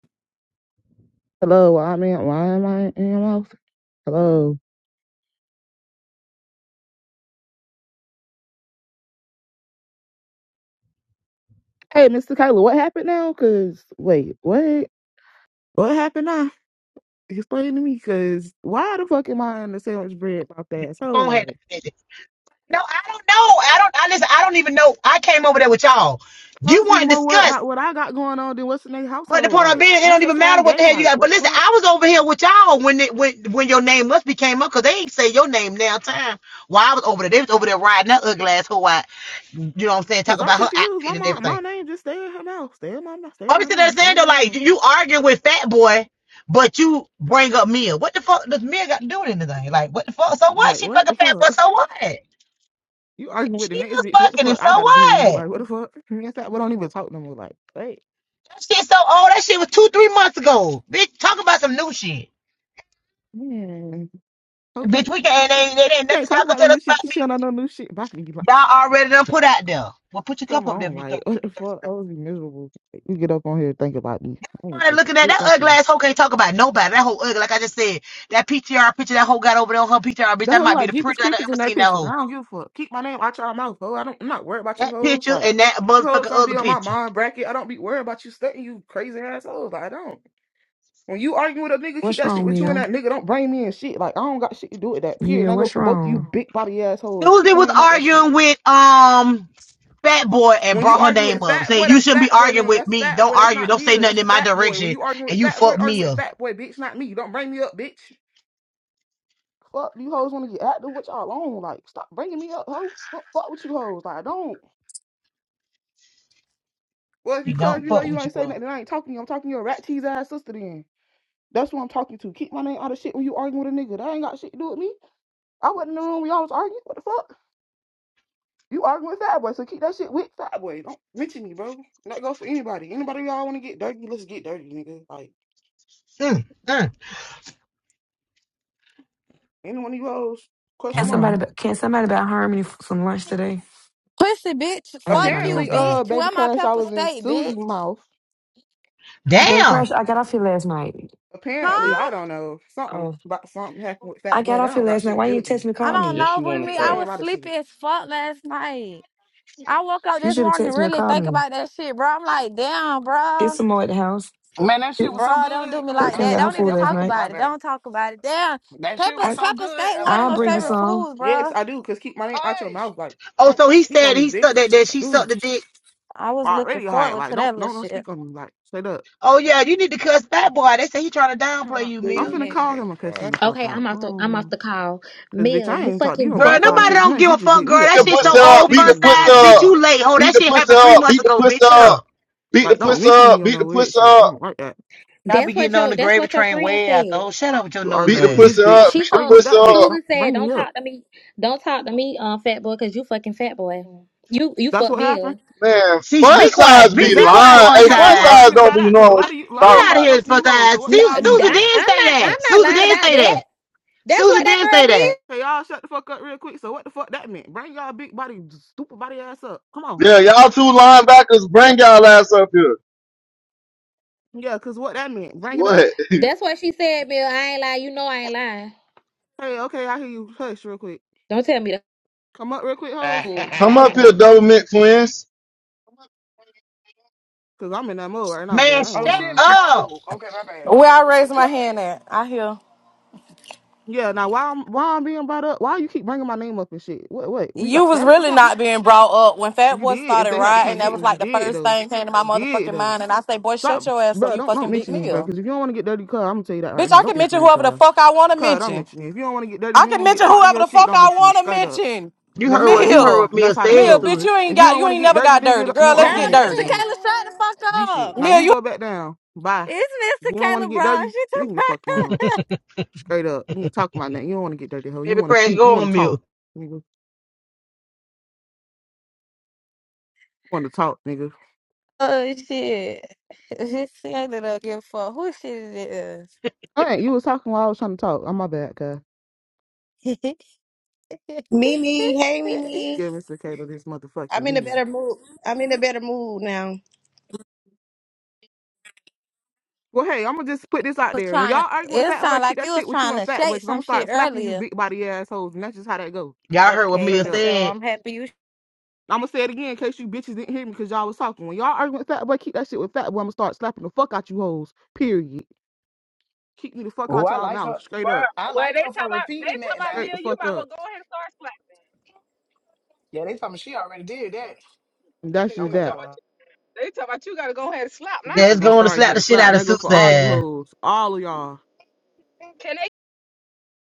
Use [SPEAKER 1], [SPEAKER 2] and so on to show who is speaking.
[SPEAKER 1] Hello, why am I why am I in your mouth? Hello. Hey, Mr. Kyler, what happened now? Cause wait, what? What happened now? Explain to me, cause why the fuck am I in the sandwich bread about that? So
[SPEAKER 2] Go ahead
[SPEAKER 1] like,
[SPEAKER 2] and finish it. No, I don't know. I don't. I listen. I don't even know. I came over there with y'all.
[SPEAKER 1] I
[SPEAKER 2] You
[SPEAKER 1] was be
[SPEAKER 2] want to
[SPEAKER 1] more worried
[SPEAKER 2] discuss,
[SPEAKER 1] about what I got going on than what's in their
[SPEAKER 2] but the
[SPEAKER 1] household.
[SPEAKER 2] point I'm
[SPEAKER 1] Like,
[SPEAKER 2] being, it
[SPEAKER 1] ain't
[SPEAKER 2] don't
[SPEAKER 1] your
[SPEAKER 2] even
[SPEAKER 1] son
[SPEAKER 2] matter what the
[SPEAKER 1] gay?
[SPEAKER 2] hell you
[SPEAKER 1] Like,
[SPEAKER 2] got. But
[SPEAKER 1] what the
[SPEAKER 2] listen,
[SPEAKER 1] fuck?
[SPEAKER 2] I was over here with y'all when it, when when your name must be came up because they ain't say your name now time. While I was over there, they was over there riding that ugly ass hoe out. You know what I'm saying?
[SPEAKER 1] Cause
[SPEAKER 2] Talking
[SPEAKER 1] I'm
[SPEAKER 2] about her
[SPEAKER 1] confused. My
[SPEAKER 2] outfit and
[SPEAKER 1] mom, my
[SPEAKER 2] everything.
[SPEAKER 1] name just stay in her mouth. Stay in my mouth. Stay
[SPEAKER 2] I'm
[SPEAKER 1] in her
[SPEAKER 2] just
[SPEAKER 1] mouth. Stay in
[SPEAKER 2] understand though,
[SPEAKER 1] her
[SPEAKER 2] like
[SPEAKER 1] mouth.
[SPEAKER 2] you arguing with Fat Boy, but you bring up Mia. What the fuck does Mia got to do with anything? Like what the fuck? So what?
[SPEAKER 1] Like,
[SPEAKER 2] She
[SPEAKER 1] what
[SPEAKER 2] fucking
[SPEAKER 1] the
[SPEAKER 2] Fat Boy.
[SPEAKER 1] fuck?
[SPEAKER 2] So what? If
[SPEAKER 1] You arguing with
[SPEAKER 2] she
[SPEAKER 1] the next
[SPEAKER 2] is
[SPEAKER 1] bitch? What the
[SPEAKER 2] fucking. If
[SPEAKER 1] fuck? I
[SPEAKER 2] so
[SPEAKER 1] gotta do with you?
[SPEAKER 2] what?
[SPEAKER 1] Like, what the fuck? That's not, we don't even talk no more. Like, wait,
[SPEAKER 2] That shit so old. That shit was two, three months ago. Bitch, talk about some new shit.
[SPEAKER 1] man.
[SPEAKER 2] And
[SPEAKER 1] Okay.
[SPEAKER 2] Bitch, we can ain't ain't, ain't
[SPEAKER 1] Can't
[SPEAKER 2] nothing
[SPEAKER 1] talk
[SPEAKER 2] y'all can
[SPEAKER 1] about no
[SPEAKER 2] tell us
[SPEAKER 1] new shit
[SPEAKER 2] about
[SPEAKER 1] 'cause
[SPEAKER 2] me.
[SPEAKER 1] she don't know no new shit. But I can be like,
[SPEAKER 2] Y'all already done put out there. Well, put your cup
[SPEAKER 1] come
[SPEAKER 2] up there
[SPEAKER 1] on,
[SPEAKER 2] if you
[SPEAKER 1] like
[SPEAKER 2] thirsty.
[SPEAKER 1] what
[SPEAKER 2] you
[SPEAKER 1] the
[SPEAKER 2] thirsty.
[SPEAKER 1] fuck?
[SPEAKER 2] though.
[SPEAKER 1] I was be miserable. Like, you get up on here and think about me. I ain't
[SPEAKER 2] Somebody
[SPEAKER 1] think a
[SPEAKER 2] Looking at
[SPEAKER 1] shit
[SPEAKER 2] that
[SPEAKER 1] about
[SPEAKER 2] ugly
[SPEAKER 1] you.
[SPEAKER 2] ass hoe can't talk about nobody. That whole ugly, like I just said, that PTR picture that hoe got over there on her PTR, bitch,
[SPEAKER 1] That
[SPEAKER 2] that
[SPEAKER 1] whole
[SPEAKER 2] might be
[SPEAKER 1] like
[SPEAKER 2] the
[SPEAKER 1] Jeepers
[SPEAKER 2] prettiest I
[SPEAKER 1] Creepers
[SPEAKER 2] ever
[SPEAKER 1] in that
[SPEAKER 2] seen that
[SPEAKER 1] picture.
[SPEAKER 2] hoe.
[SPEAKER 1] I don't give a fuck. Keep my name out your mouth, ho. I don't. I'm not worried about you
[SPEAKER 2] That
[SPEAKER 1] hoes.
[SPEAKER 2] picture
[SPEAKER 1] Like
[SPEAKER 2] and that
[SPEAKER 1] you hoes
[SPEAKER 2] motherfucking
[SPEAKER 1] don't
[SPEAKER 2] other
[SPEAKER 1] be on my
[SPEAKER 2] picture.
[SPEAKER 1] mind bracket. I don't be worried about you stunting you crazy assholes. Like, I don't. When you arguing with a nigga, keep
[SPEAKER 3] What's
[SPEAKER 1] that shit
[SPEAKER 3] wrong,
[SPEAKER 1] with you and
[SPEAKER 3] Mia?
[SPEAKER 1] that nigga. Don't bring me in shit. Like I don't got shit to do with that. Period. And
[SPEAKER 3] Mia,
[SPEAKER 1] I go
[SPEAKER 3] what's
[SPEAKER 1] for both of
[SPEAKER 3] wrong?
[SPEAKER 1] you big body assholes. Keep
[SPEAKER 2] Susie
[SPEAKER 1] my
[SPEAKER 2] was
[SPEAKER 1] name out that shit.
[SPEAKER 2] arguing with um fat boy and
[SPEAKER 1] When you
[SPEAKER 2] brought her
[SPEAKER 1] argue
[SPEAKER 2] name
[SPEAKER 1] with
[SPEAKER 2] up.
[SPEAKER 1] fat
[SPEAKER 2] Say
[SPEAKER 1] boy,
[SPEAKER 2] you
[SPEAKER 1] that's
[SPEAKER 2] shouldn't be
[SPEAKER 1] fat boy
[SPEAKER 2] arguing
[SPEAKER 1] name.
[SPEAKER 2] with
[SPEAKER 1] That's
[SPEAKER 2] me.
[SPEAKER 1] fat
[SPEAKER 2] Don't
[SPEAKER 1] boy. That's
[SPEAKER 2] argue.
[SPEAKER 1] not
[SPEAKER 2] Don't
[SPEAKER 1] me.
[SPEAKER 2] say nothing
[SPEAKER 1] That's
[SPEAKER 2] in my
[SPEAKER 1] fat boy. When
[SPEAKER 2] direction.
[SPEAKER 1] you argue
[SPEAKER 2] And
[SPEAKER 1] with
[SPEAKER 2] you
[SPEAKER 1] fat boy,
[SPEAKER 2] fuck
[SPEAKER 1] argue
[SPEAKER 2] me
[SPEAKER 1] with
[SPEAKER 2] up.
[SPEAKER 1] fat boy, bitch, not me. You don't bring me up, bitch. Fuck, you hoes want to get active with y'all on. Like, stop bringing me up, hoe. Fuck, fuck with you hoes. Like, I don't. Well, if you
[SPEAKER 2] He
[SPEAKER 1] cause
[SPEAKER 2] don't
[SPEAKER 1] you know
[SPEAKER 2] fuck
[SPEAKER 1] you
[SPEAKER 2] with
[SPEAKER 1] ain't
[SPEAKER 2] you
[SPEAKER 1] say
[SPEAKER 2] all.
[SPEAKER 1] nothing, I ain't talking to you. I'm talking to your rat cheese ass sister then. That's who I'm talking to. Keep my name out of shit when you arguing with a nigga. That ain't got shit to do with me. I wasn't in the room when y'all was arguing. What the fuck? You arguing with fat boy, so keep that shit with fat boy. Don't mention me, bro. That goes for anybody. Anybody y'all want to get dirty, let's get dirty, nigga. Like.
[SPEAKER 2] Mm, mm.
[SPEAKER 1] Any one of those
[SPEAKER 3] Can
[SPEAKER 1] question
[SPEAKER 2] I'm All
[SPEAKER 1] mark.
[SPEAKER 2] right.
[SPEAKER 3] somebody can somebody buy Harmony for some lunch today?
[SPEAKER 4] Pussy bitch,
[SPEAKER 3] I gotta get
[SPEAKER 4] fuck
[SPEAKER 3] my
[SPEAKER 4] you,
[SPEAKER 3] nails
[SPEAKER 1] Apparently,
[SPEAKER 3] done.
[SPEAKER 1] uh,
[SPEAKER 4] bitch.
[SPEAKER 1] baby
[SPEAKER 4] Where my
[SPEAKER 1] crash. I
[SPEAKER 4] pepper
[SPEAKER 1] was in
[SPEAKER 4] steak, bitch?
[SPEAKER 1] Susie mouth.
[SPEAKER 3] Baby
[SPEAKER 2] Damn.
[SPEAKER 3] Crash, I got off here last night.
[SPEAKER 1] Apparently,
[SPEAKER 3] You-
[SPEAKER 1] I
[SPEAKER 4] Huh?
[SPEAKER 1] don't know something
[SPEAKER 3] Oh,
[SPEAKER 1] about something happened with
[SPEAKER 3] I
[SPEAKER 1] Fat
[SPEAKER 3] got
[SPEAKER 1] Boy. That
[SPEAKER 3] off here
[SPEAKER 1] don't got
[SPEAKER 3] last night.
[SPEAKER 1] shit to
[SPEAKER 3] Why you
[SPEAKER 1] do
[SPEAKER 3] didn't
[SPEAKER 1] with me.
[SPEAKER 3] text me? or
[SPEAKER 4] I
[SPEAKER 3] Call
[SPEAKER 4] don't
[SPEAKER 3] me.
[SPEAKER 5] Yes,
[SPEAKER 4] know,
[SPEAKER 5] she
[SPEAKER 4] but
[SPEAKER 5] want to
[SPEAKER 4] me,
[SPEAKER 1] Keep my
[SPEAKER 4] I was
[SPEAKER 1] name out of
[SPEAKER 4] sleepy
[SPEAKER 1] shit.
[SPEAKER 4] as fuck last night. I woke up
[SPEAKER 3] You
[SPEAKER 4] this
[SPEAKER 3] should have
[SPEAKER 4] morning to
[SPEAKER 3] texted me or
[SPEAKER 4] really
[SPEAKER 3] called
[SPEAKER 4] think
[SPEAKER 3] me.
[SPEAKER 4] about that shit, bro. I'm like, damn,
[SPEAKER 3] It's
[SPEAKER 4] bro,
[SPEAKER 3] some more at the house.
[SPEAKER 6] Man, that shit was
[SPEAKER 3] You
[SPEAKER 6] so
[SPEAKER 4] bro, don't do
[SPEAKER 6] good.
[SPEAKER 4] me
[SPEAKER 6] Oh
[SPEAKER 4] like
[SPEAKER 6] my
[SPEAKER 3] came and
[SPEAKER 4] that.
[SPEAKER 6] god.
[SPEAKER 3] got her
[SPEAKER 4] Don't
[SPEAKER 6] Okay,
[SPEAKER 3] food
[SPEAKER 4] even
[SPEAKER 6] never
[SPEAKER 3] last
[SPEAKER 4] talk
[SPEAKER 6] mind.
[SPEAKER 3] night.
[SPEAKER 6] My
[SPEAKER 4] about it.
[SPEAKER 6] bad.
[SPEAKER 4] Don't talk about it. Damn,
[SPEAKER 6] That shit
[SPEAKER 4] pepper,
[SPEAKER 6] was
[SPEAKER 3] I
[SPEAKER 6] so
[SPEAKER 4] pepper
[SPEAKER 6] good.
[SPEAKER 4] steak,
[SPEAKER 6] I
[SPEAKER 4] one of
[SPEAKER 6] ain't
[SPEAKER 3] I'll
[SPEAKER 6] gonna
[SPEAKER 4] my
[SPEAKER 6] say
[SPEAKER 3] bring you
[SPEAKER 6] nothing
[SPEAKER 4] favorite
[SPEAKER 6] else.
[SPEAKER 3] some.
[SPEAKER 4] foods, bro.
[SPEAKER 1] Yes, I do. Cause keep my name out your
[SPEAKER 6] Hush.
[SPEAKER 1] mouth. Like,
[SPEAKER 2] Oh,
[SPEAKER 1] don't
[SPEAKER 2] so he
[SPEAKER 1] speak on
[SPEAKER 2] said
[SPEAKER 1] me,
[SPEAKER 2] he sucked that,
[SPEAKER 1] bitch.
[SPEAKER 2] that
[SPEAKER 1] I
[SPEAKER 2] she
[SPEAKER 1] do.
[SPEAKER 2] sucked the dick.
[SPEAKER 4] I was
[SPEAKER 1] I
[SPEAKER 4] looking
[SPEAKER 1] already hired.
[SPEAKER 4] forward
[SPEAKER 1] Like,
[SPEAKER 4] to
[SPEAKER 1] don't
[SPEAKER 4] that little
[SPEAKER 1] don't don't
[SPEAKER 4] shit.
[SPEAKER 1] speak on me. Like, straight up.
[SPEAKER 2] Oh yeah, you need to cuss that boy. They say he trying to
[SPEAKER 4] I'm
[SPEAKER 2] downplay
[SPEAKER 4] not
[SPEAKER 2] you,
[SPEAKER 1] I'm
[SPEAKER 4] fucking
[SPEAKER 2] Mia.
[SPEAKER 1] finna call
[SPEAKER 4] hungry,
[SPEAKER 1] him and cuss him
[SPEAKER 4] bro.
[SPEAKER 1] the fuck
[SPEAKER 7] Okay,
[SPEAKER 1] out.
[SPEAKER 7] I'm off the I'm off
[SPEAKER 1] Um,
[SPEAKER 7] the call.
[SPEAKER 1] cause bitch,
[SPEAKER 7] Mel,
[SPEAKER 1] I
[SPEAKER 7] you
[SPEAKER 1] ain't talked to you
[SPEAKER 7] fucking
[SPEAKER 1] in
[SPEAKER 2] Girl,
[SPEAKER 1] about
[SPEAKER 7] fat
[SPEAKER 1] five
[SPEAKER 2] nobody
[SPEAKER 7] boy.
[SPEAKER 1] six
[SPEAKER 2] don't
[SPEAKER 1] months.
[SPEAKER 2] give
[SPEAKER 1] You
[SPEAKER 2] a
[SPEAKER 1] just
[SPEAKER 2] fuck,
[SPEAKER 1] hit me
[SPEAKER 2] girl.
[SPEAKER 1] up
[SPEAKER 2] That
[SPEAKER 8] the
[SPEAKER 1] trying to
[SPEAKER 2] shit so
[SPEAKER 8] pussy
[SPEAKER 1] fuck. Like,
[SPEAKER 8] up,
[SPEAKER 2] old,
[SPEAKER 8] beat
[SPEAKER 1] please leave
[SPEAKER 2] fun
[SPEAKER 8] the
[SPEAKER 1] me the
[SPEAKER 8] pussy
[SPEAKER 1] fuck
[SPEAKER 2] size, bitch.
[SPEAKER 8] up,
[SPEAKER 1] alone.
[SPEAKER 2] You late, ho.
[SPEAKER 8] beat
[SPEAKER 2] That
[SPEAKER 8] the
[SPEAKER 2] shit
[SPEAKER 8] pussy
[SPEAKER 2] happened three
[SPEAKER 8] up,
[SPEAKER 2] months
[SPEAKER 8] beat the
[SPEAKER 2] ago,
[SPEAKER 8] pussy
[SPEAKER 2] bitch. Shut
[SPEAKER 8] up,
[SPEAKER 2] up.
[SPEAKER 8] beat the
[SPEAKER 1] Like, don't
[SPEAKER 2] Oh,
[SPEAKER 8] pussy
[SPEAKER 1] mention
[SPEAKER 8] up,
[SPEAKER 1] me on
[SPEAKER 8] beat
[SPEAKER 1] no
[SPEAKER 8] the pussy
[SPEAKER 1] weird shit. I
[SPEAKER 8] up,
[SPEAKER 1] don't like that.
[SPEAKER 2] y'all be
[SPEAKER 7] That's
[SPEAKER 2] getting
[SPEAKER 7] what
[SPEAKER 2] on
[SPEAKER 7] your
[SPEAKER 2] the
[SPEAKER 7] that's
[SPEAKER 2] gravy
[SPEAKER 7] what your
[SPEAKER 2] train
[SPEAKER 7] friend
[SPEAKER 2] way out though.
[SPEAKER 7] said.
[SPEAKER 2] Shut up with your
[SPEAKER 1] You
[SPEAKER 2] nose
[SPEAKER 8] beat
[SPEAKER 1] arguing
[SPEAKER 8] the
[SPEAKER 1] with
[SPEAKER 2] ass.
[SPEAKER 1] this
[SPEAKER 8] pussy up,
[SPEAKER 1] bitch.
[SPEAKER 7] She
[SPEAKER 8] beat the
[SPEAKER 1] Argue
[SPEAKER 7] told
[SPEAKER 1] with
[SPEAKER 8] pussy
[SPEAKER 1] that bitch.
[SPEAKER 8] up.
[SPEAKER 1] Don't
[SPEAKER 7] Susan said,
[SPEAKER 1] bring
[SPEAKER 7] "Don't
[SPEAKER 1] me up.
[SPEAKER 7] talk to me. Don't talk to me, um, fat boy, cause you fucking fat boy. You you
[SPEAKER 1] That's
[SPEAKER 7] fuck
[SPEAKER 1] what happened.
[SPEAKER 7] Mel.
[SPEAKER 8] Man,
[SPEAKER 2] See, sh-
[SPEAKER 8] fun
[SPEAKER 2] be quiet.
[SPEAKER 8] size
[SPEAKER 2] Be,
[SPEAKER 8] be
[SPEAKER 2] be
[SPEAKER 1] Exactly. So
[SPEAKER 2] quiet,
[SPEAKER 8] lying.
[SPEAKER 1] what the
[SPEAKER 2] fun
[SPEAKER 8] Hey,
[SPEAKER 1] fuck
[SPEAKER 8] fun
[SPEAKER 1] you
[SPEAKER 2] size.
[SPEAKER 1] hoes
[SPEAKER 8] size
[SPEAKER 1] meant
[SPEAKER 8] don't
[SPEAKER 1] by that?
[SPEAKER 8] be
[SPEAKER 1] Because
[SPEAKER 8] knowing
[SPEAKER 1] a
[SPEAKER 8] what
[SPEAKER 1] lot of
[SPEAKER 8] she's
[SPEAKER 1] you, a lot
[SPEAKER 2] Get
[SPEAKER 1] of
[SPEAKER 8] talking
[SPEAKER 2] out
[SPEAKER 1] niggas
[SPEAKER 2] of
[SPEAKER 8] about.
[SPEAKER 2] here,
[SPEAKER 1] fucking
[SPEAKER 2] fun
[SPEAKER 1] you hoes. So
[SPEAKER 2] size.
[SPEAKER 1] what do
[SPEAKER 7] No,
[SPEAKER 2] Su-
[SPEAKER 1] y'all mean
[SPEAKER 2] Susan
[SPEAKER 1] by
[SPEAKER 7] that,
[SPEAKER 1] that?
[SPEAKER 2] did
[SPEAKER 7] I'm
[SPEAKER 2] say
[SPEAKER 7] not
[SPEAKER 2] that.
[SPEAKER 7] I'm not
[SPEAKER 2] Susan
[SPEAKER 7] lying
[SPEAKER 2] did
[SPEAKER 7] about
[SPEAKER 2] say
[SPEAKER 7] that.
[SPEAKER 2] that.
[SPEAKER 7] That's what
[SPEAKER 2] Susan
[SPEAKER 7] that
[SPEAKER 2] did
[SPEAKER 7] girl
[SPEAKER 2] say
[SPEAKER 7] did.
[SPEAKER 2] that.
[SPEAKER 1] Hey, y'all shut the fuck up real quick. So what the fuck that meant? Bring y'all big body, stupid body ass up. Come on.
[SPEAKER 8] Yeah, y'all two linebackers, bring y'all ass up here.
[SPEAKER 1] Yeah, because what that meant. Bring it
[SPEAKER 8] What?
[SPEAKER 1] up.
[SPEAKER 7] That's what she said, Mel. I ain't lying. You know I ain't lying.
[SPEAKER 1] Hey, okay, I hear you. Hush real quick.
[SPEAKER 7] Don't tell me the
[SPEAKER 1] Come up real quick, hoes.
[SPEAKER 7] fool. Don't
[SPEAKER 8] Come
[SPEAKER 5] fight.
[SPEAKER 7] tell me
[SPEAKER 8] up
[SPEAKER 7] the
[SPEAKER 8] here,
[SPEAKER 7] hush.
[SPEAKER 8] double mint twins.
[SPEAKER 1] Cause I'm in that mode right now, boy.
[SPEAKER 2] Man,
[SPEAKER 1] I
[SPEAKER 6] Oh,
[SPEAKER 1] ain't
[SPEAKER 2] shut
[SPEAKER 6] she in
[SPEAKER 1] lying.
[SPEAKER 6] that
[SPEAKER 2] up.
[SPEAKER 6] mode. Okay, my bad.
[SPEAKER 9] Where I raised my
[SPEAKER 6] Yeah.
[SPEAKER 9] hand at, I hear.
[SPEAKER 1] Yeah, now why I'm why I'm being brought up? Why you keep bringing my name up and shit? What? What? We
[SPEAKER 9] You
[SPEAKER 1] got
[SPEAKER 9] was
[SPEAKER 1] static or
[SPEAKER 9] really
[SPEAKER 1] something?
[SPEAKER 9] not being brought up. When Fat
[SPEAKER 1] You
[SPEAKER 9] Boy
[SPEAKER 1] did. If
[SPEAKER 9] started
[SPEAKER 1] they had to come
[SPEAKER 9] riding, that
[SPEAKER 1] get
[SPEAKER 9] was
[SPEAKER 1] me, you
[SPEAKER 9] like the
[SPEAKER 1] did
[SPEAKER 9] first
[SPEAKER 1] though.
[SPEAKER 9] thing came to my
[SPEAKER 1] You did
[SPEAKER 9] motherfucking
[SPEAKER 1] though.
[SPEAKER 9] mind. And I say, boy, shut
[SPEAKER 1] Stop,
[SPEAKER 9] your ass up,
[SPEAKER 1] bro.
[SPEAKER 9] you
[SPEAKER 1] Don't don't
[SPEAKER 9] fucking big
[SPEAKER 1] mention me, bro.
[SPEAKER 9] meal.
[SPEAKER 1] Because if you don't want to get dirty, cuz I'm gonna tell you that right
[SPEAKER 9] Bitch,
[SPEAKER 1] now.
[SPEAKER 9] I can
[SPEAKER 1] Don't
[SPEAKER 9] mention
[SPEAKER 1] mention me,
[SPEAKER 9] whoever the
[SPEAKER 1] cuz.
[SPEAKER 9] fuck I want to
[SPEAKER 1] Cuz don't
[SPEAKER 9] mention.
[SPEAKER 1] mention me. If you don't want to get dirty, if
[SPEAKER 9] I
[SPEAKER 1] you don't
[SPEAKER 9] can
[SPEAKER 1] want to get
[SPEAKER 9] mention
[SPEAKER 1] popped in
[SPEAKER 9] whoever
[SPEAKER 1] your
[SPEAKER 9] the
[SPEAKER 1] shit,
[SPEAKER 9] fuck
[SPEAKER 1] don't
[SPEAKER 9] I
[SPEAKER 1] mention me.
[SPEAKER 9] want to
[SPEAKER 1] Straight up.
[SPEAKER 9] mention.
[SPEAKER 2] You
[SPEAKER 1] And that's
[SPEAKER 2] heard
[SPEAKER 1] how
[SPEAKER 2] what
[SPEAKER 1] that
[SPEAKER 2] you heard
[SPEAKER 1] go.
[SPEAKER 2] what
[SPEAKER 9] Mill.
[SPEAKER 1] And
[SPEAKER 2] Mia
[SPEAKER 1] that's how that
[SPEAKER 2] said,
[SPEAKER 9] Mill,
[SPEAKER 1] go.
[SPEAKER 9] bitch,
[SPEAKER 2] Susan.
[SPEAKER 9] you ain't
[SPEAKER 1] If you
[SPEAKER 9] got,
[SPEAKER 1] don't
[SPEAKER 9] you
[SPEAKER 1] want to
[SPEAKER 9] ain't
[SPEAKER 1] get
[SPEAKER 9] never
[SPEAKER 1] dirty,
[SPEAKER 9] got
[SPEAKER 1] nigga,
[SPEAKER 9] dirty.
[SPEAKER 1] don't-
[SPEAKER 9] Girl,
[SPEAKER 1] no,
[SPEAKER 4] Girl,
[SPEAKER 9] let's
[SPEAKER 1] don't want to
[SPEAKER 9] get
[SPEAKER 1] mention me
[SPEAKER 4] Mr.
[SPEAKER 9] dirty.
[SPEAKER 1] though.
[SPEAKER 4] Kayla, shut the fuck
[SPEAKER 1] G
[SPEAKER 4] up.
[SPEAKER 1] shit. Now
[SPEAKER 9] Mill,
[SPEAKER 1] you
[SPEAKER 9] you
[SPEAKER 1] go back down. Bye.
[SPEAKER 4] It's
[SPEAKER 1] If
[SPEAKER 4] Mr.
[SPEAKER 1] you don't want to
[SPEAKER 4] Kayla,
[SPEAKER 1] get
[SPEAKER 4] bro.
[SPEAKER 1] dirty,
[SPEAKER 4] She
[SPEAKER 1] leave
[SPEAKER 4] took
[SPEAKER 1] me the
[SPEAKER 4] fuck
[SPEAKER 1] fuck
[SPEAKER 4] up.
[SPEAKER 1] alone. Straight up. You ain't talking about nothing. You don't want to get dirty, hoe. You
[SPEAKER 2] Baby
[SPEAKER 1] want to
[SPEAKER 2] Crash,
[SPEAKER 1] speak. You
[SPEAKER 2] go
[SPEAKER 1] want
[SPEAKER 2] on
[SPEAKER 1] to talk,
[SPEAKER 2] mute.
[SPEAKER 1] nigga. You want to talk, nigga.
[SPEAKER 4] Oh shit. She ended up giving a fuck who shit it
[SPEAKER 1] All right, you was talking while I was trying to talk. I'm my bad, cuz.
[SPEAKER 4] is.
[SPEAKER 10] Mimi, hey Mimi.
[SPEAKER 1] Give Mr. Taylor this motherfucking
[SPEAKER 10] I'm in a
[SPEAKER 1] bean.
[SPEAKER 10] better mood. I'm in a better mood now.
[SPEAKER 1] Well, hey, I'm gonna just put this out
[SPEAKER 4] was
[SPEAKER 1] there. When
[SPEAKER 4] trying to
[SPEAKER 1] y'all arguing with
[SPEAKER 4] it
[SPEAKER 1] Fat Boy,
[SPEAKER 4] sounded
[SPEAKER 1] keep
[SPEAKER 4] like
[SPEAKER 1] that
[SPEAKER 4] you
[SPEAKER 1] shit
[SPEAKER 4] was
[SPEAKER 1] with you
[SPEAKER 4] trying
[SPEAKER 1] and
[SPEAKER 4] to
[SPEAKER 1] Fat Boy,
[SPEAKER 4] shake
[SPEAKER 1] cause I'm
[SPEAKER 4] some
[SPEAKER 1] gonna
[SPEAKER 4] shit
[SPEAKER 1] start slapping you
[SPEAKER 4] earlier.
[SPEAKER 1] big body assholes, and that's just how that goes.
[SPEAKER 2] Y'all heard what
[SPEAKER 4] Okay,
[SPEAKER 2] Mia
[SPEAKER 1] Straight
[SPEAKER 4] for
[SPEAKER 1] up.
[SPEAKER 4] sure.
[SPEAKER 2] said.
[SPEAKER 4] I'm happy you
[SPEAKER 1] I'm gonna say it again in case you bitches didn't hear me, cause y'all was talking. When y'all arguing with Fat Boy, keep that shit with Fat Boy. I'm gonna start slapping the fuck out you hoes. Period. Keep you the fuck
[SPEAKER 6] Oh,
[SPEAKER 1] out
[SPEAKER 6] I
[SPEAKER 1] y'all
[SPEAKER 6] like
[SPEAKER 1] mouth.
[SPEAKER 6] her.
[SPEAKER 1] Straight up.
[SPEAKER 6] I
[SPEAKER 11] Well, well,
[SPEAKER 6] like
[SPEAKER 11] they
[SPEAKER 6] her
[SPEAKER 11] talk
[SPEAKER 6] for
[SPEAKER 11] about they
[SPEAKER 6] repeating
[SPEAKER 11] talk
[SPEAKER 6] that
[SPEAKER 11] about
[SPEAKER 6] now.
[SPEAKER 1] Straight the
[SPEAKER 11] Mill. You
[SPEAKER 1] fuck
[SPEAKER 11] might well
[SPEAKER 1] up.
[SPEAKER 11] go ahead and start slapping.
[SPEAKER 6] Yeah, they told me she already did that.
[SPEAKER 1] And that's just
[SPEAKER 11] they
[SPEAKER 6] Okay,
[SPEAKER 11] talk
[SPEAKER 1] that.
[SPEAKER 6] never
[SPEAKER 11] about
[SPEAKER 6] mind.
[SPEAKER 11] you, they talk about you got to go ahead and slap
[SPEAKER 2] Yeah,
[SPEAKER 1] Bitches
[SPEAKER 2] it's
[SPEAKER 11] now.
[SPEAKER 1] gonna
[SPEAKER 2] going to
[SPEAKER 1] start
[SPEAKER 2] slap
[SPEAKER 1] getting
[SPEAKER 2] the shit
[SPEAKER 1] slapped,
[SPEAKER 2] out
[SPEAKER 1] and
[SPEAKER 2] of
[SPEAKER 1] that go for all you
[SPEAKER 2] Susan.
[SPEAKER 1] hoes, all of y'all.